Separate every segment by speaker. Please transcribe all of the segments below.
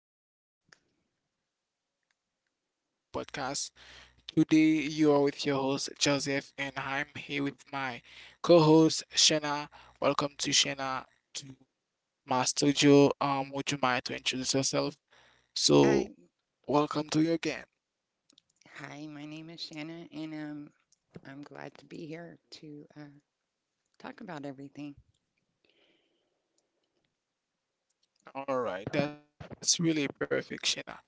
Speaker 1: everybody. Hello, hello. Welcome to this beautiful podcast. Today, you are with your host, Joseph, and I'm here with my co host, Shana. Welcome to Shana to my studio. Would you mind to introduce yourself?
Speaker 2: Um,
Speaker 1: So, welcome to you again.
Speaker 2: Hi, my name is Shanna, and I'm glad to be here to talk about everything.
Speaker 1: All right, that's really perfect, Shana.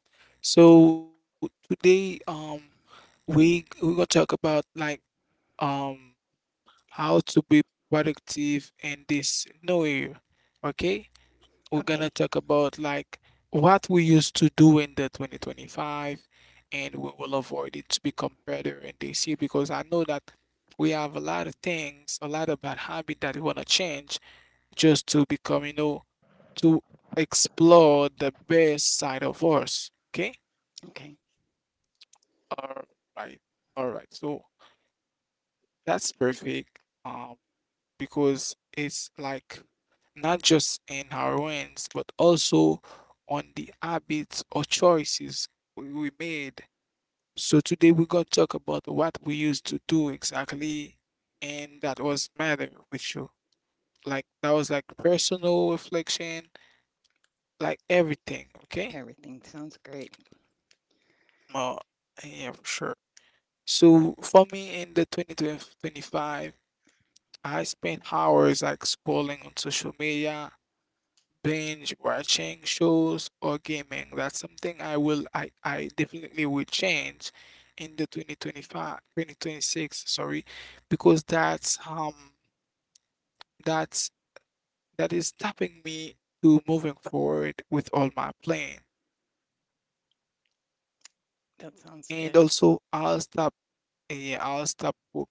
Speaker 1: So, today, we're gonna talk about like um how to be productive in this new year. Okay, we're gonna
Speaker 2: Okay,
Speaker 1: talk about like what we used to do in the 2025 and we will avoid it to become better in this year because I know that we have a lot of things, a lot of bad habit that we wanna change just to become, you know, to explore the best side of us. Okay?
Speaker 2: okay,
Speaker 1: All right. All right. So that's perfect. Um, because it's like not just in our wins, but also on the habits or choices we made. So today we're gonna talk about what we used to do exactly, and that was matter with you. Like that was like personal reflection, like everything. Okay.
Speaker 2: everything sounds great.
Speaker 1: Oh, yeah, for sure. So for me in the 2025, I spent hours like scrolling on social media binge watching shows or gaming. That's something I will I definitely will change in the 2025 2026, sorry, because that's that is stopping me to moving forward with all my plan.
Speaker 2: That sounds
Speaker 1: And
Speaker 2: good.
Speaker 1: also I'll stop yeah, I'll stop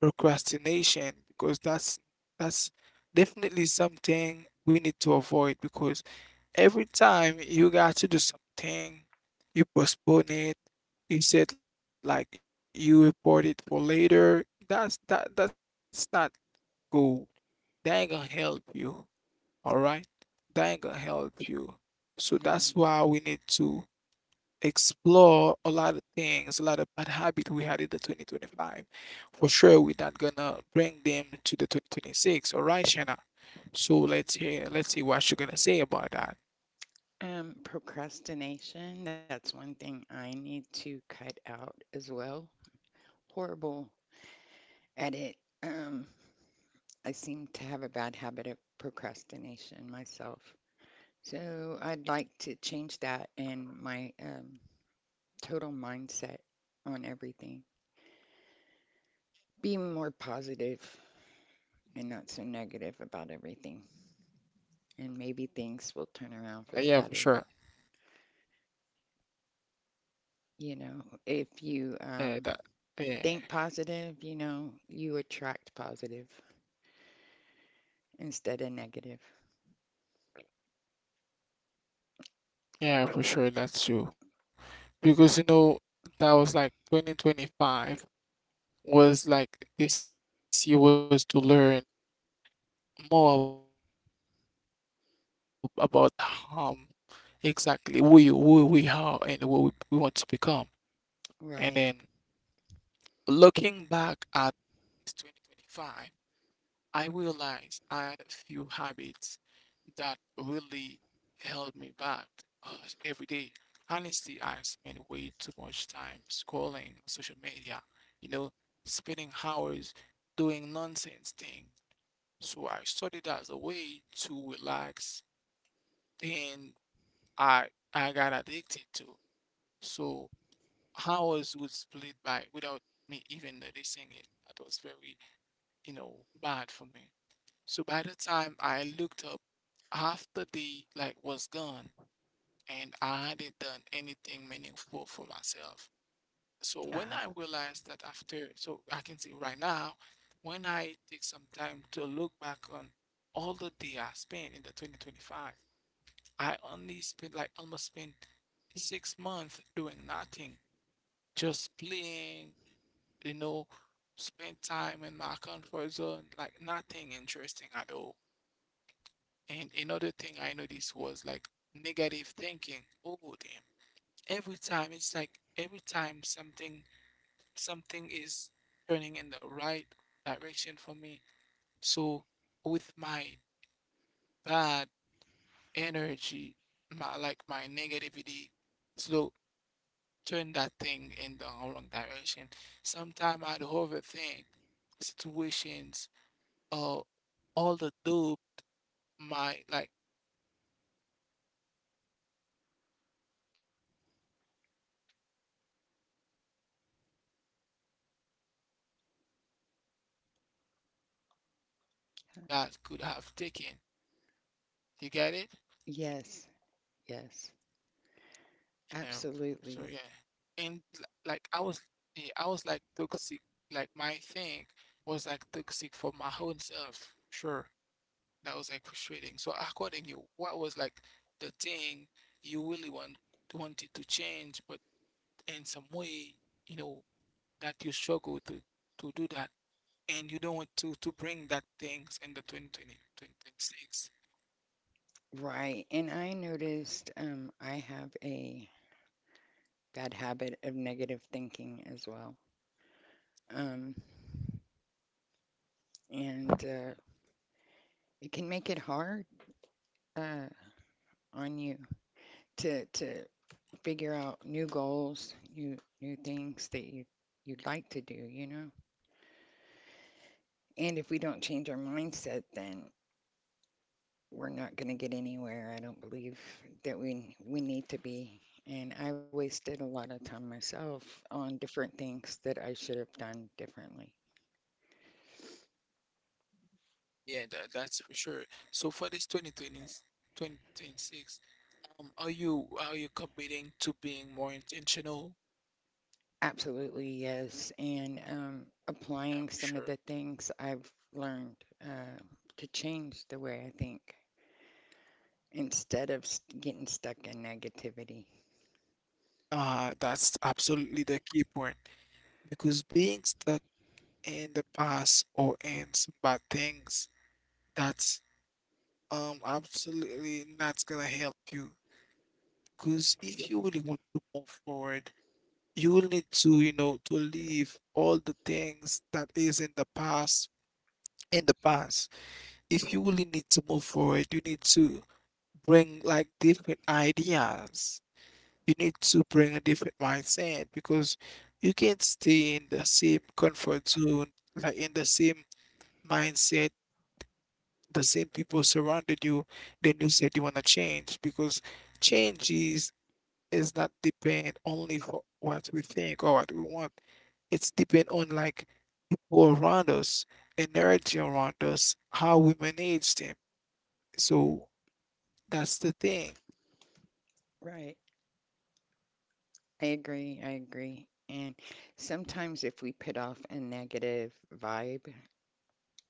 Speaker 1: procrastination because that's definitely something we need to avoid because every time you got to do something, you postpone it. You said like you report it for later. That's that's not good. That ain't gonna help you. All right, that ain't gonna help you. So
Speaker 2: No,
Speaker 1: that's why we need to explore a lot of things, a lot of bad habits we had in the 2025. For sure, we're not gonna bring them to the 2026. All right, Shanna. So let's hear, let's see what you're gonna say about that.
Speaker 2: procrastination, that's one thing I need to cut out as well. Horrible at it. Um, I seem to have a bad habit of procrastination myself. So I'd like to change that and my total mindset on everything. Be more positive and not so negative about everything. And maybe things will turn around for the better.
Speaker 1: Yeah, for sure.
Speaker 2: You know, if you
Speaker 1: Yeah, that.
Speaker 2: think
Speaker 1: Yeah,
Speaker 2: positive, you know, you attract positive instead of negative.
Speaker 1: yeah, for sure. That's true. Because you know that was like 2025 was like this year was to learn more about harm. Exactly, who you, who we are, and what we want to become. And then
Speaker 2: Right.
Speaker 1: looking back at this 2025, I realized I had a few habits that really held me back uh, every day. Honestly, I spent way too much time scrolling on social media, you know, spending hours doing nonsense things. So I started as a way to relax, then I I got addicted to. So hours would split by without me even noticing it. That was very, you know, bad for me. So by the time I looked up, half the day like was gone and I hadn't done anything meaningful
Speaker 2: Uh,
Speaker 1: for myself. So when I realized that after, so I can see right now, when I take some time to look back on all the day I spent in the 2025, I only spent like almost spent 6 months doing nothing. Just playing, you know, spend time in my comfort zone, like nothing interesting at all. And another thing I noticed was like negative thinking. Oh damn. Every time it's like every time something is turning in the right direction for me. So with my bad energy, my my negativity, so turn that thing in the wrong direction. Sometimes I'd overthink situations or all the do my I always took my abilities or my capacities to do something. Like I wasn't just unproductive. It made me avoid opportunities that could have taken. You get it?
Speaker 2: yes. Yes.
Speaker 1: Yeah.
Speaker 2: Absolutely.
Speaker 1: So yeah. And like I was yeah, I was like toxic like my thing was like toxic for my own self. Sure. That was like frustrating. So according to you, what was like the thing you really wanted to change, but in some way, you know, that you struggle to do that and you don't want to bring that things in the 2020?
Speaker 2: Right. And I noticed I have a bad habit of negative thinking as well. Um, and it can make it hard uh, on you to figure out new goals, new things that you you'd like to do, you know? And if we don't change our mindset, then we're not going to get anywhere. I don't believe that we need to be. And I wasted a lot of time myself on different things that I should have done differently.
Speaker 1: Yeah, that, that's for sure. So for this 2020, are you committing to being more intentional?
Speaker 2: Absolutely, yes. And applying
Speaker 1: Yeah,
Speaker 2: some of
Speaker 1: for
Speaker 2: the
Speaker 1: sure.
Speaker 2: things I've learned uh, to change the way I think instead of getting stuck in negativity.
Speaker 1: That's absolutely the key point. Because being stuck in the past or in some bad things, that's absolutely not gonna help you. Because if you really want to move forward, you will need to, you know, to leave all the things that is in the past in the past. If you really need to move forward, you need to bring like different ideas. You need to bring a different mindset because you can't stay in the same comfort zone, like in the same mindset, the same people surrounded you, then you said you want to change because change is, is not depend only for what we think or what we want. It's depend on like people around us, energy around us, how we manage them. So that's the thing.
Speaker 2: Right. I agree. I agree. And sometimes if we put off a negative vibe,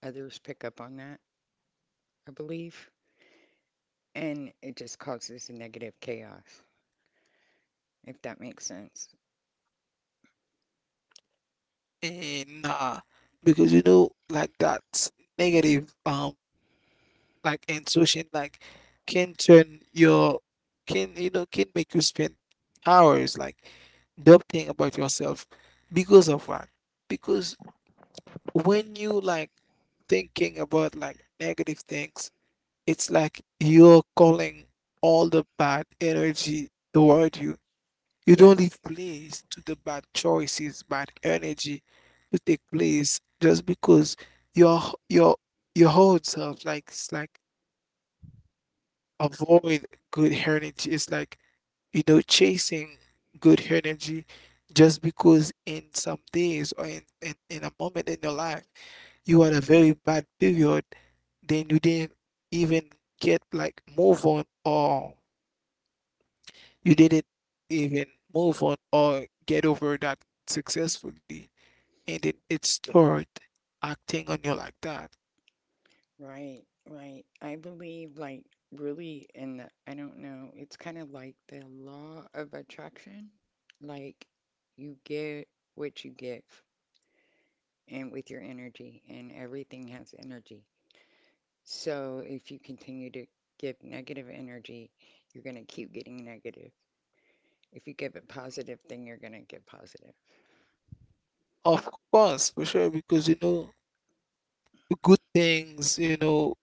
Speaker 2: others pick up on that, I believe, and it just causes a negative chaos, if that makes sense.
Speaker 1: And nah, because you know, like that negative like intuition like can turn your can you know can make you spend hours like doubting about yourself because of what because when you like thinking about like negative things it's like you're calling all the bad energy toward you. You don't
Speaker 2: Yes.
Speaker 1: leave place to the bad choices bad energy to take place just because your your your whole self like it's like avoid good energy. It's like, you know, chasing good energy just because in some days or in, in a moment in your life, you had a very bad period, then you didn't even get like move on or you didn't even move on or get over that successfully. And then it start acting on you like that.
Speaker 2: Right, right. I believe, like, really in the, I don't know, it's kind of like the law of attraction. Like, you get what you give, and with your energy, and everything has energy. So if you continue to give negative energy, you're going to keep getting negative. If you give it positive, then you're going to get positive.
Speaker 1: Of course, for sure, because you know, good things, you know,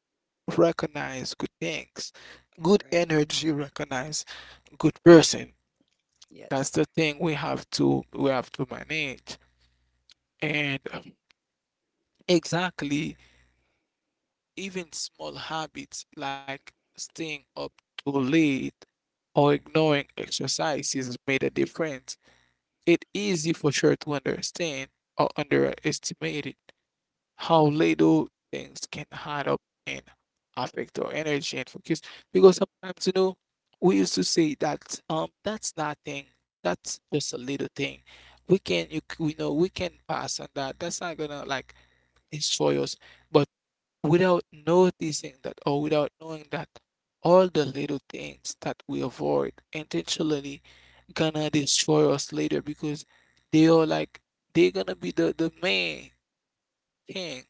Speaker 1: recognize good things. Good
Speaker 2: Right.
Speaker 1: energy recognize good person. That's
Speaker 2: Yes.
Speaker 1: the thing we have to manage. And exactly, even small habits like staying up too late or ignoring exercises made a difference. It's easy for sure to understand or underestimate it. How little things can add up and affect our energy and focus. Because sometimes, you know, we used to say that that's nothing, that's just a little thing. We can we know we can pass on that. That's not gonna like destroy us. But without noticing that or without knowing that all the little things that we avoid intentionally gonna destroy us later because they are like they're gonna be the main thing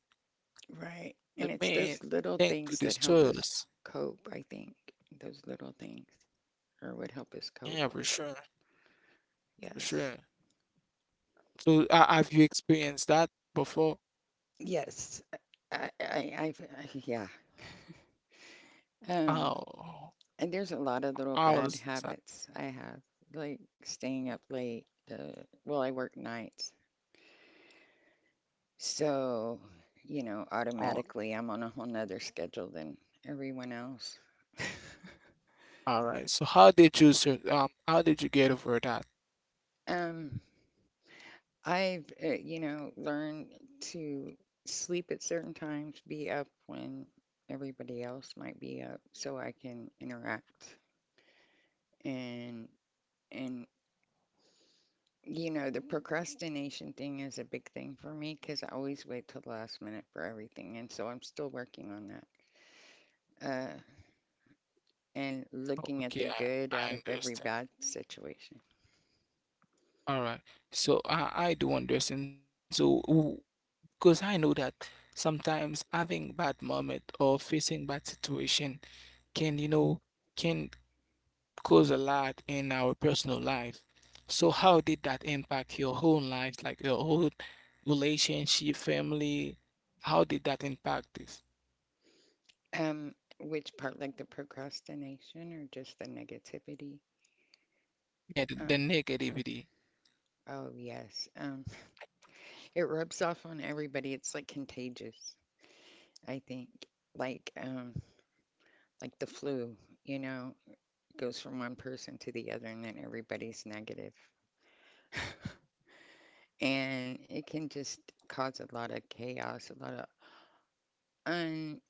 Speaker 2: Right. And
Speaker 1: the
Speaker 2: it's
Speaker 1: man,
Speaker 2: those little
Speaker 1: thank
Speaker 2: things that
Speaker 1: goodness to
Speaker 2: help us
Speaker 1: us.
Speaker 2: cope, I think. Those little things are what help us
Speaker 1: Yeah,
Speaker 2: cope.
Speaker 1: for sure, for
Speaker 2: Yes.
Speaker 1: sure. So, have you experienced that before?
Speaker 2: Yes. I, I, I've, yeah. Um,
Speaker 1: Oh,
Speaker 2: and there's a lot of little
Speaker 1: how
Speaker 2: bad
Speaker 1: was that?
Speaker 2: habits I have, like staying up late. Well, I work nights, so, you know,
Speaker 1: Oh,
Speaker 2: automatically I'm on a whole nother schedule than everyone else.
Speaker 1: all right. So, how did you, how did you get over that?
Speaker 2: Um, you know, learned to sleep at certain times, be up when everybody else might be up, so I can interact. And and you know, the procrastination thing is a big thing for me because I always wait till the last minute for everything, and so I'm still working on that. And
Speaker 1: Oh,
Speaker 2: looking at the
Speaker 1: okay,
Speaker 2: good out of
Speaker 1: I
Speaker 2: every
Speaker 1: understand.
Speaker 2: bad situation.
Speaker 1: All right. So, I do understand. So, because I know that sometimes having bad moment or facing bad situation can, you know, can cause a lot in our personal life. So
Speaker 2: Mhm.
Speaker 1: how did that impact your whole life, like your whole relationship, family? How did that impact this?
Speaker 2: Which part, like the procrastination or just the negativity?
Speaker 1: Yeah,
Speaker 2: Um,
Speaker 1: the negativity.
Speaker 2: oh yes. It rubs off on everybody. It's like contagious, I think. Like um, like the flu, you know, goes from one person to the other and then everybody's negative. And it can just cause a lot of chaos, a lot of un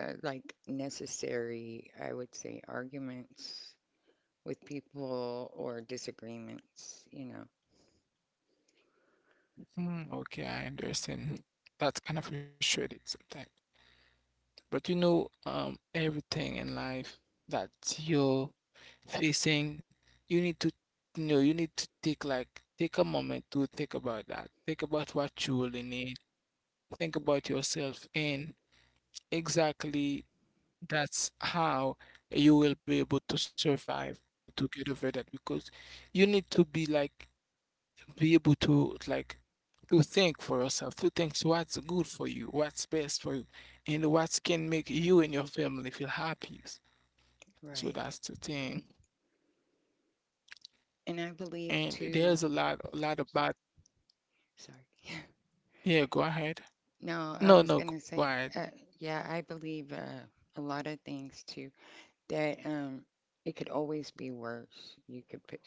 Speaker 2: like necessary, I would say, arguments with people or disagreements, you know.
Speaker 1: Mm, okay, I understand. That's kind of frustrating sometimes. But you know, everything in life that you're facing, you need to you know, you need to take like take a moment to think about that. Think about what you really need. Think about yourself and exactly that's how you will be able to survive or to get over that because you need to be like be able to like to think for yourself, to think what's good for you, what's best for you, and what can make you and your family feel happy. So
Speaker 2: Right.
Speaker 1: that's the thing.
Speaker 2: And I
Speaker 1: And
Speaker 2: believe
Speaker 1: there's
Speaker 2: too,
Speaker 1: a lot of bad.
Speaker 2: sorry.
Speaker 1: Yeah, go ahead.
Speaker 2: No,
Speaker 1: No,
Speaker 2: I
Speaker 1: no,
Speaker 2: was
Speaker 1: go
Speaker 2: gonna
Speaker 1: ahead.
Speaker 2: say, yeah, I believe a lot of things too, that it could always be worse. You could put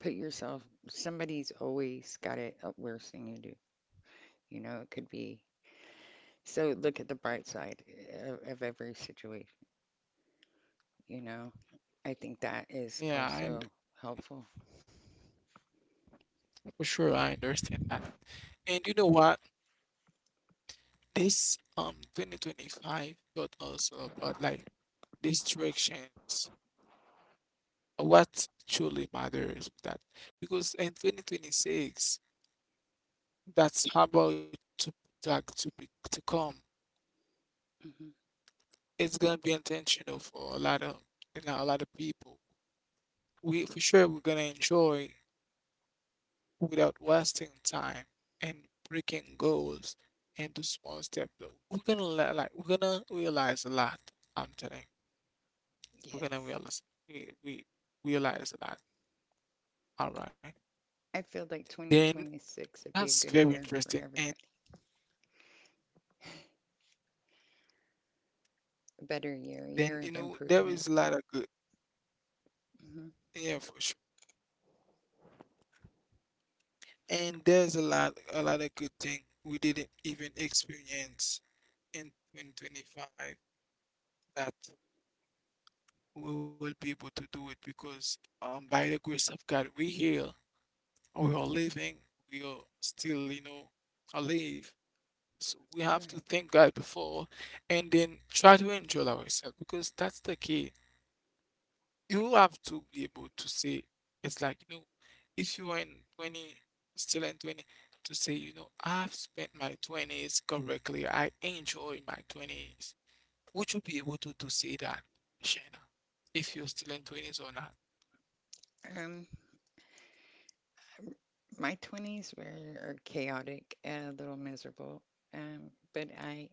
Speaker 2: put yourself, somebody's always got it up worse than you do. You know, it could be. So look at the bright side of every situation, you know. I think that is
Speaker 1: Yeah, and
Speaker 2: also helpful.
Speaker 1: for sure, I understand that. And you know what? This 2025 taught us about like distractions, what truly matters with that because in 2026, that's about to like to be to come.
Speaker 2: Hmm.
Speaker 1: It's gonna be intentional for a lot of you know a lot of people. We for sure we're gonna enjoy without wasting time and breaking goals into small steps. Though we're gonna like we're gonna realize a lot. I'm telling you. We're gonna
Speaker 2: Yes.
Speaker 1: realize we realize a lot. All right.
Speaker 2: I feel like
Speaker 1: Then
Speaker 2: 2026 would
Speaker 1: that's
Speaker 2: be a
Speaker 1: very
Speaker 2: good year
Speaker 1: interesting.
Speaker 2: for
Speaker 1: And
Speaker 2: everybody. A better year, a
Speaker 1: then
Speaker 2: year
Speaker 1: you
Speaker 2: of
Speaker 1: know there
Speaker 2: improvement.
Speaker 1: is a lot of good.
Speaker 2: Hmm.
Speaker 1: Yeah, for sure. And there's a lot of good thing we didn't even experience in 2025 that we will be able to do it because by the grace of God we are living, we are still alive, so we have to
Speaker 2: Right.
Speaker 1: thank God before, and then try to enjoy ourselves because that's the key. You have to be able to say, it's like if you are in 20, still in 20, to say I've spent my 20s correctly, I enjoy my 20s. Would you be able to say that, Shana, if you're still in 20s or not?
Speaker 2: Um, my 20s were chaotic, a little miserable, but I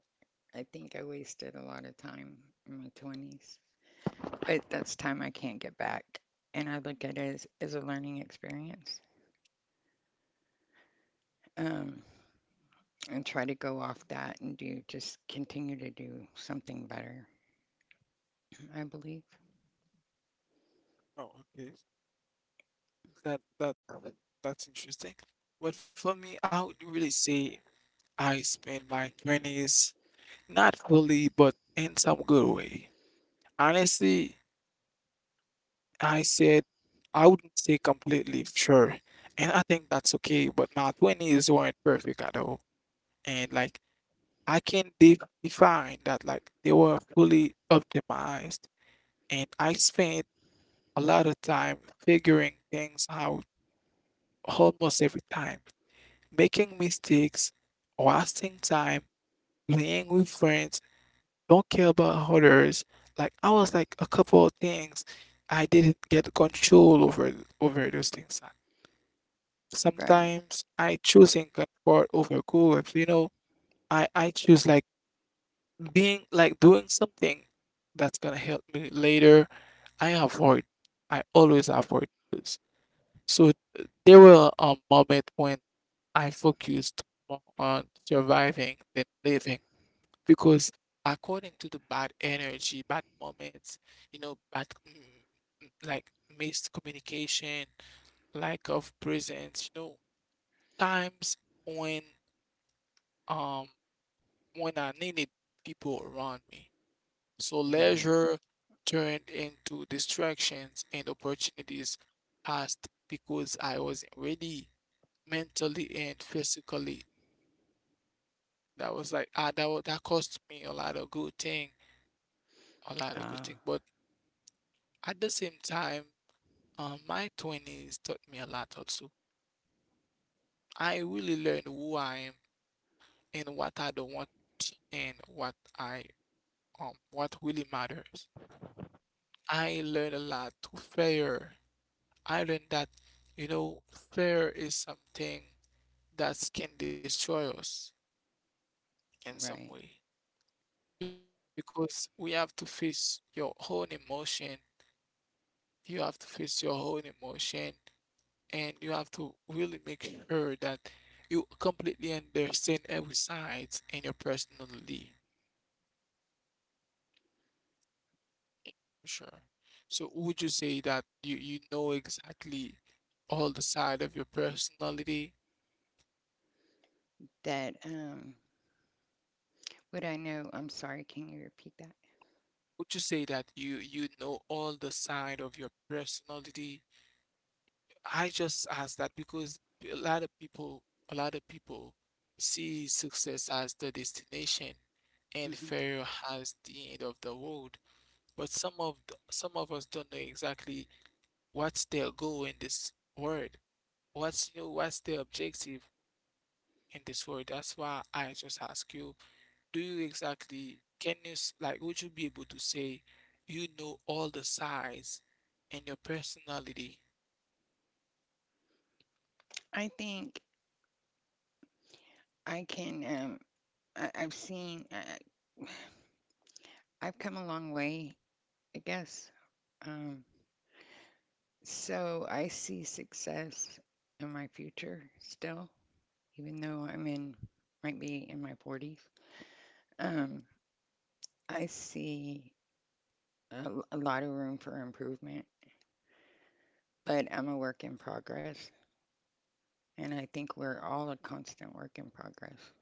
Speaker 2: I think I wasted a lot of time in my 20s. But that's time I can't get back, and I look at it as a learning experience. Um, and try to go off that and do just continue to do something better, I believe.
Speaker 1: Oh, okay. That that that's interesting. But for me, I would really say I spent my twenties not fully, but in some good way. Honestly, I said I wouldn't say completely sure, and I think that's okay. But my twenties weren't perfect at all, and like I can define that like they were fully optimized, and I spent a lot of time figuring things out almost every time, making mistakes, wasting time, playing with friends, don't care about others. Like I was like a couple of things I didn't get control over those things.
Speaker 2: Right,
Speaker 1: Sometimes I choosing comfort over growth. I choose like being like doing something that's gonna help me later. I avoid I always avoid this. So there were a moment when I focused more on surviving than living. Because according to the bad energy, bad moments, you know, bad like missed communication, lack of presence, you know, times when um when I needed people around me. So
Speaker 2: right.
Speaker 1: leisure turned into distractions, and opportunities passed because I wasn't ready mentally and physically. That was like that cost me a lot of good thing, a lot of good
Speaker 2: Ah,
Speaker 1: thing. But at the same time, my 20s taught me a lot also. I really learned who I am and what I don't want and what really matters. I learned a lot to fear. I learned that you know fear is something that can destroy us in some
Speaker 2: right.
Speaker 1: way because we have to face your own emotion. You have to face your own emotion, and you have to really make sure that you completely understand every side in your personality for sure. So would you say that you know exactly all the side of your personality?
Speaker 2: That, what I know, I'm sorry, can you repeat that?
Speaker 1: Would you say that you know all the side of your personality? I just ask that because a lot of people a lot of people see success as the destination and
Speaker 2: Mhm.
Speaker 1: failure as the end of the road. But some of us don't know exactly what's their goal in this word. What's you know, what's their objective in this word? That's why I just ask you, do you exactly can you like would you be able to say you know all the sides and your personality?
Speaker 2: I think I can. I, I've seen. I- I've come a long way, I guess. Um, so I see success in my future still, even though I'm in, might be in my 40s. Um, I see a lot of room for improvement, but I'm a work in progress, and I think we're all a constant work in progress.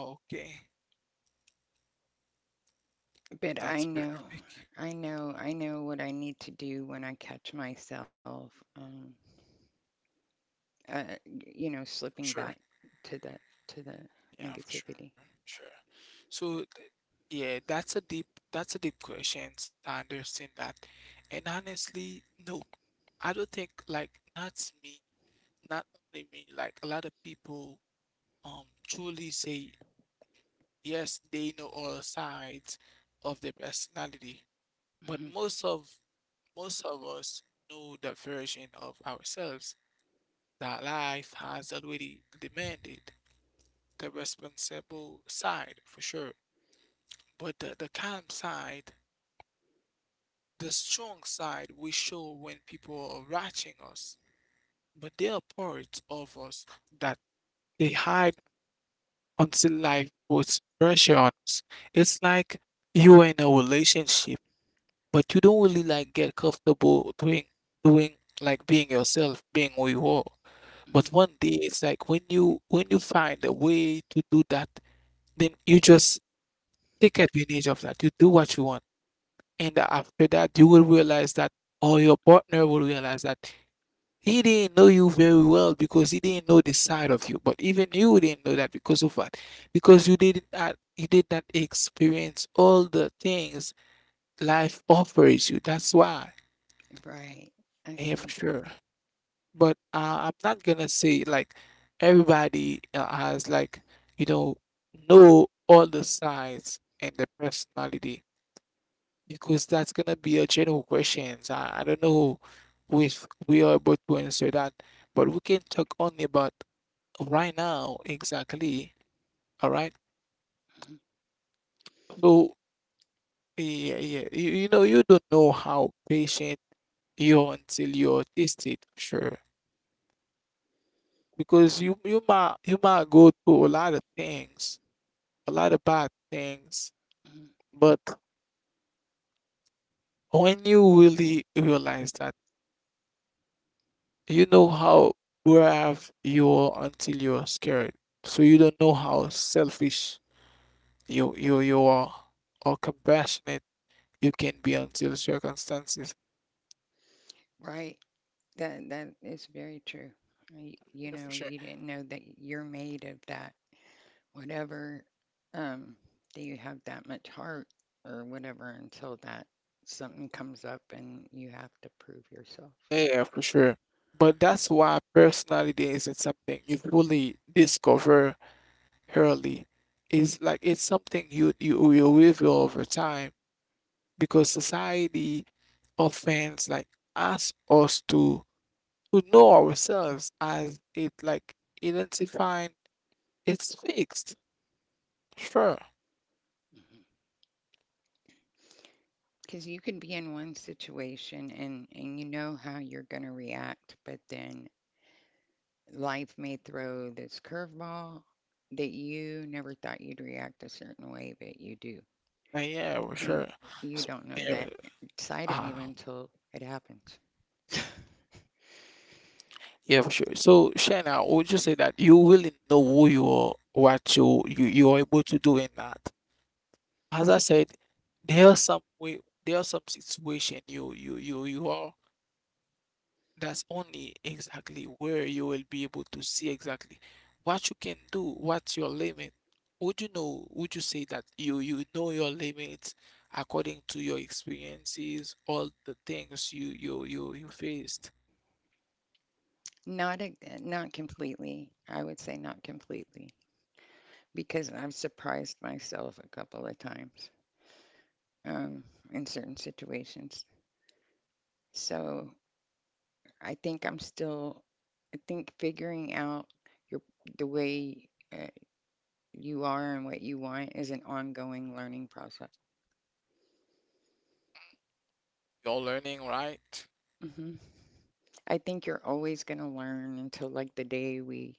Speaker 1: Oh, okay,
Speaker 2: But I
Speaker 1: that's
Speaker 2: know,
Speaker 1: perfect.
Speaker 2: I know, I know what I need to do when I catch myself. Um, uh, you know,
Speaker 1: Sure.
Speaker 2: slipping back to the to the
Speaker 1: Yeah, for sure,
Speaker 2: negativity.
Speaker 1: sure. So, yeah, that's a deep question. So I understand that, and honestly, no, I don't think like not only me. Like a lot of people, truly say yes, they know all sides of their personality, but most
Speaker 2: Mhm,
Speaker 1: of most of us know the version of ourselves that life has already demanded, the responsible side for sure. But the calm side, the strong side, we show when people are watching us. But there are parts of us that they hide until life puts pressure on us. It's like you are in a relationship, but you don't really like get comfortable doing like being yourself, being who you are.
Speaker 2: mhm.
Speaker 1: But one day it's like when you find a way to do that, then you just take advantage of that. You do what you want. And after that, you will realize that, or your partner will realize that he didn't know you very well because he didn't know the side of you. But even you didn't know that because of what? Because you did not experience all the things life offers you. That's why.
Speaker 2: Right. I
Speaker 1: Yeah, for
Speaker 2: see.
Speaker 1: sure. But I'm not gonna say like everybody has like you know know all the sides and the personality. Because that's gonna be a general question. I don't know if we are able to answer that, but we can talk only about right now exactly. All right.
Speaker 2: Mhm,
Speaker 1: So yeah, yeah. You know, you don't know how patient you're until you're tested, sure. Because you might go through a lot of things, a lot of bad things,
Speaker 2: mhm.
Speaker 1: but when you really realize that. You know how brave you are until you are scared. So you don't know how selfish you are or compassionate you can be until circumstances.
Speaker 2: Right. That that is very true. Y- You
Speaker 1: Yeah, for
Speaker 2: know,
Speaker 1: sure.
Speaker 2: you didn't know that you're made of that. Whatever, um, do you have that much heart or whatever until that something comes up and you have to prove yourself.
Speaker 1: Yeah, for sure. But that's why personality isn't something you fully discover early. It's like it's something you reveal over time because society offense like asks us to know ourselves as it like identifying it's fixed. Sure.
Speaker 2: Because you can be in one situation and you know how you're going to react, but then life may throw this curveball that you never thought you'd react a certain way, but you do.
Speaker 1: Yeah, well,
Speaker 2: And
Speaker 1: sure.
Speaker 2: you
Speaker 1: S-
Speaker 2: don't know that
Speaker 1: Yeah,
Speaker 2: side of you
Speaker 1: ah,
Speaker 2: until it happens.
Speaker 1: yeah, for sure. So, Shana, would you say that you really know who you are, what you are able to do in that? As I said, there are some way, there are some situation you are. That's only exactly where you will be able to see exactly what you can do, what's your limit. Would you say that you know your limits according to your experiences, all the things you faced?
Speaker 2: Not a, not completely. I would say not completely because I've surprised myself a couple of times um, in certain situations. So I think I'm still, I think figuring out your the way uh, you are and what you want is an ongoing learning process.
Speaker 1: You're learning, right?
Speaker 2: Hmm. I think you're always going to learn until like the day we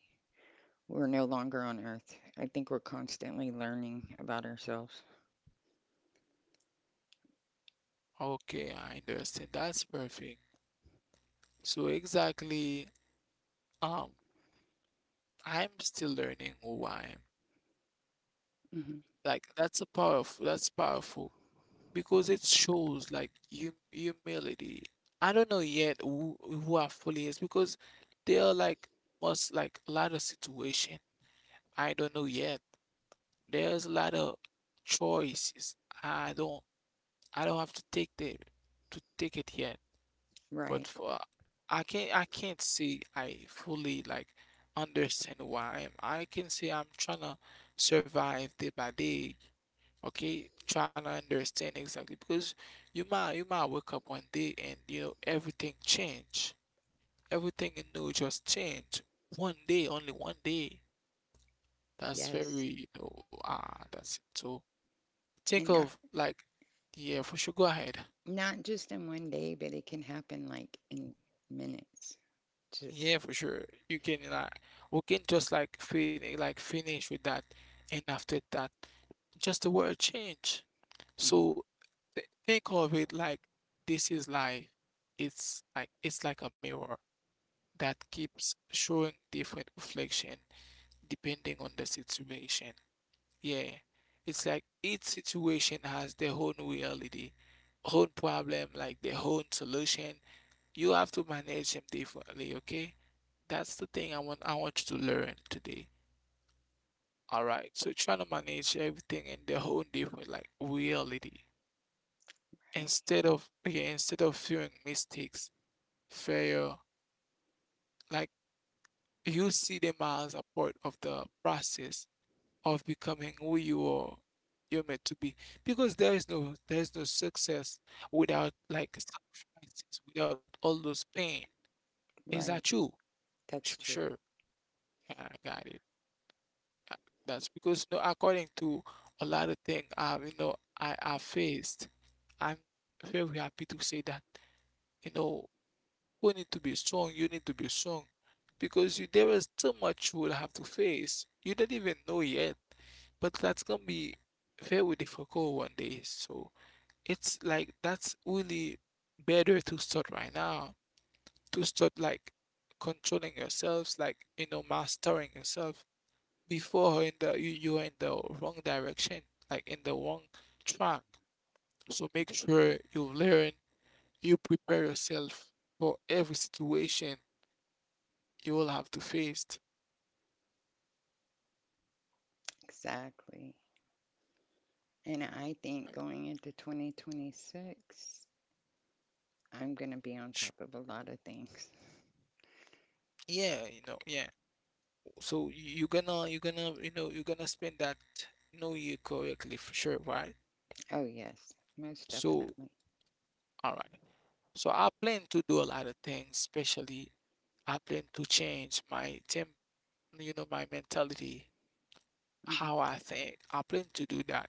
Speaker 2: we're no longer on earth. I think we're constantly learning about ourselves.
Speaker 1: Okay, I understand. That's perfect. So exactly, um, I'm still learning who I am.
Speaker 2: Hmm.
Speaker 1: Like that's powerful. Because it shows like humility. I don't know yet who are fully is because there are like most like a lot of situation. I don't know yet. There's a lot of choices. I don't I don't have to take it yet. But
Speaker 2: Right.
Speaker 1: for I can't say I fully like understand who I am. I can say I'm trying to survive day by day, okay, trying to understand exactly because you might wake up one day, and you know everything change, everything, you know, just change one day, only one day. That's
Speaker 2: Yes.
Speaker 1: very you know that's it. So think
Speaker 2: And
Speaker 1: of
Speaker 2: not
Speaker 1: like, yeah, for sure, go ahead.
Speaker 2: not just in one day, but it can happen like in minutes. Just
Speaker 1: Yeah, for sure, you can like we can just like finish with that, and after that just the word change.
Speaker 2: mhm.
Speaker 1: So th think of it like, this is life. It's like a mirror that keeps showing different reflection depending on the situation. Yeah. It's like each situation has their own reality, own problem, like their own solution. You have to manage them differently, okay? That's the thing I want you to learn today. All right. So trying to manage everything in their own different like reality,
Speaker 2: Right.
Speaker 1: instead of yeah, instead of viewing mistakes, failure, like you see them as a part of the process of becoming who you are, you're meant to be. Because there is no success without like sacrifices, without all those pain. Is that
Speaker 2: Right.
Speaker 1: true?
Speaker 2: That's true.
Speaker 1: Sure. Yeah, I got it. Uh, That's because no, according to a lot of things I faced, I'm very happy to say that, you know, we need to be strong. You need to be strong because you there is so much you will have to face. You don't even know yet, but that's gonna be very difficult one day. So it's like that's really better to start right now. To start like controlling yourselves, like you know, mastering yourself before in the you you are in the wrong direction, like in the wrong track. So make sure you learn, you prepare yourself for every situation you will have to face.
Speaker 2: Exactly. And I
Speaker 1: I-
Speaker 2: think going into 2026, I'm going to be on
Speaker 1: sh-
Speaker 2: top of a lot of things.
Speaker 1: Yeah, you know, yeah. So you're gonna spend that new year correctly for sure, right?
Speaker 2: Oh, yes, most
Speaker 1: So
Speaker 2: definitely.
Speaker 1: all right. So I plan to do a lot of things, especially I plan to change my temp, you know, my mentality,
Speaker 2: Hmm.
Speaker 1: how I think. I plan to do that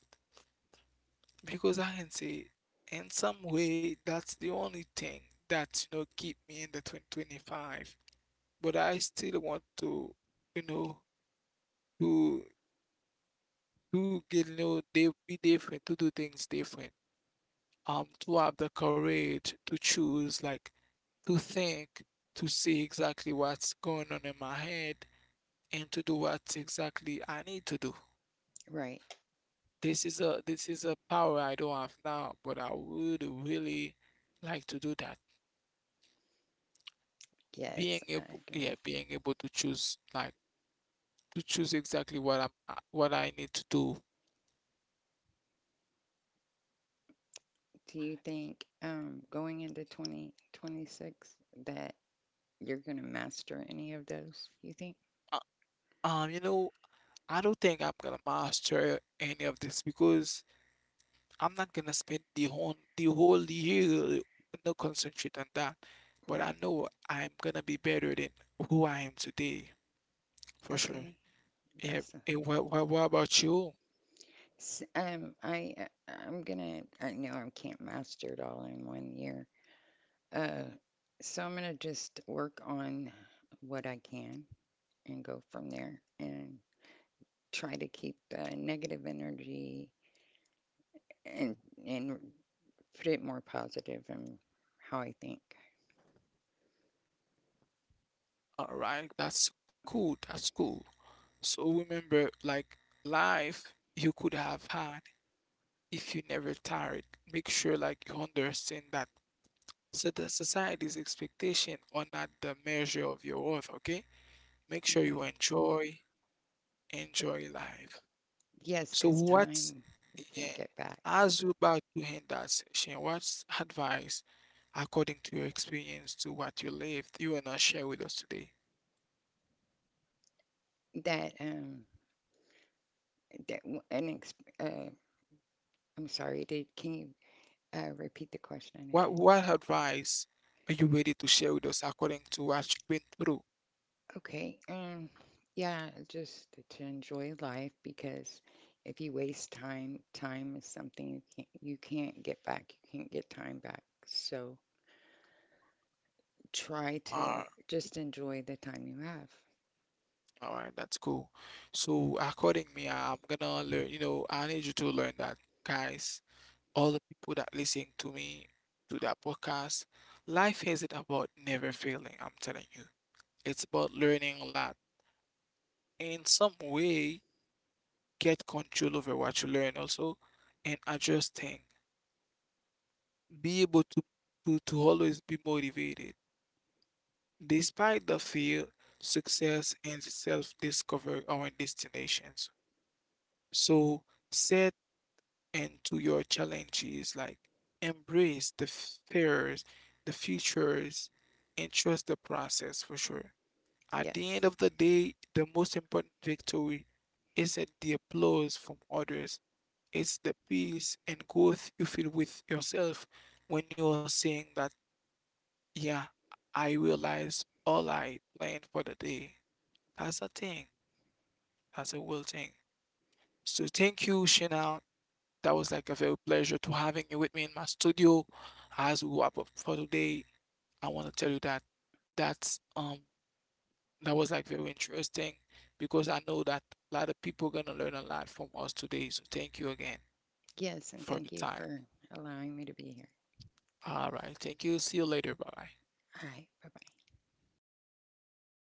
Speaker 1: because I can say in some way that's the only thing that you know keep me in the 2025. But I still want to, you know, to To get you know they be different, to do things different, to have the courage to choose like to think to see exactly what's going on in my head and to do what exactly I need to do.
Speaker 2: Right.
Speaker 1: This is a power I don't have now, but I would really like to do that, being
Speaker 2: Yes, I
Speaker 1: able yeah,
Speaker 2: agree.
Speaker 1: being able to choose like to choose exactly what I'm what I need to do.
Speaker 2: Do you think going into 2026 that you're going to master any of those? You think?
Speaker 1: uh, you know, I don't think I'm gonna master any of this because I'm not gonna spend the whole year no concentrate on that, but I
Speaker 2: Right.
Speaker 1: know I'm gonna be better than who I am today for sure.
Speaker 2: Okay.
Speaker 1: Yeah.
Speaker 2: That's the-
Speaker 1: And what about you?
Speaker 2: s- I I'm gonna, I know I can't master it all in 1 year. Uh so I'm gonna just work on what I can and go from there and try to keep the negative energy and and put it more positive in how I think.
Speaker 1: All right, that's cool. That's cool. So remember, like life you could have had if you never tired. Make sure like you understand that. So the society's expectation are not the measure of your worth, okay? Make sure
Speaker 2: You're
Speaker 1: you
Speaker 2: right.
Speaker 1: enjoy life.
Speaker 2: Yes,
Speaker 1: So
Speaker 2: because time we
Speaker 1: yeah,
Speaker 2: can't get back.
Speaker 1: as we about to end that session, what's advice, according to your experience, to what you lived, you want not share with us today?
Speaker 2: That that w- an ex uh I'm sorry, did can you repeat the question
Speaker 1: What
Speaker 2: again?
Speaker 1: what advice are you ready to share with us according to what you've been through?
Speaker 2: Okay. Yeah, just to enjoy life because if you waste time, time is something you can't get back. You can't get time back. So try
Speaker 1: Uh,
Speaker 2: to just enjoy the time you have.
Speaker 1: all right, that's cool. So according me, I'm gonna learn, you know, I need you to learn that, guys, all the people that listen to me, to that podcast, life isn't about never failing, I'm telling you. It's about learning a lot, in some way get control over what you learn also, and adjusting, be able to, to always be motivated despite the fear. Success and self-discovery are our destinations, so set into your challenges like embrace the fears, the futures, and trust the process for sure. At the end
Speaker 2: Yes.
Speaker 1: of the day, the most important victory isn't the applause from others. It's the peace and growth you feel with yourself when you're saying that, yeah, I realized all I planned for the day. That's a thing. That's a real thing. So thank you, Shana. That was like a very pleasure to having you with me in my studio. As we wrap up for today, I want to tell you that's um that was like very interesting because I know that a lot of people gonna learn a lot from us today. So thank you again
Speaker 2: Yes.
Speaker 1: for
Speaker 2: And
Speaker 1: your
Speaker 2: thank you
Speaker 1: time.
Speaker 2: for allowing me to be here.
Speaker 1: All right, thank you. See you later. Bye bye.
Speaker 2: All right. Bye bye.
Speaker 1: Okay,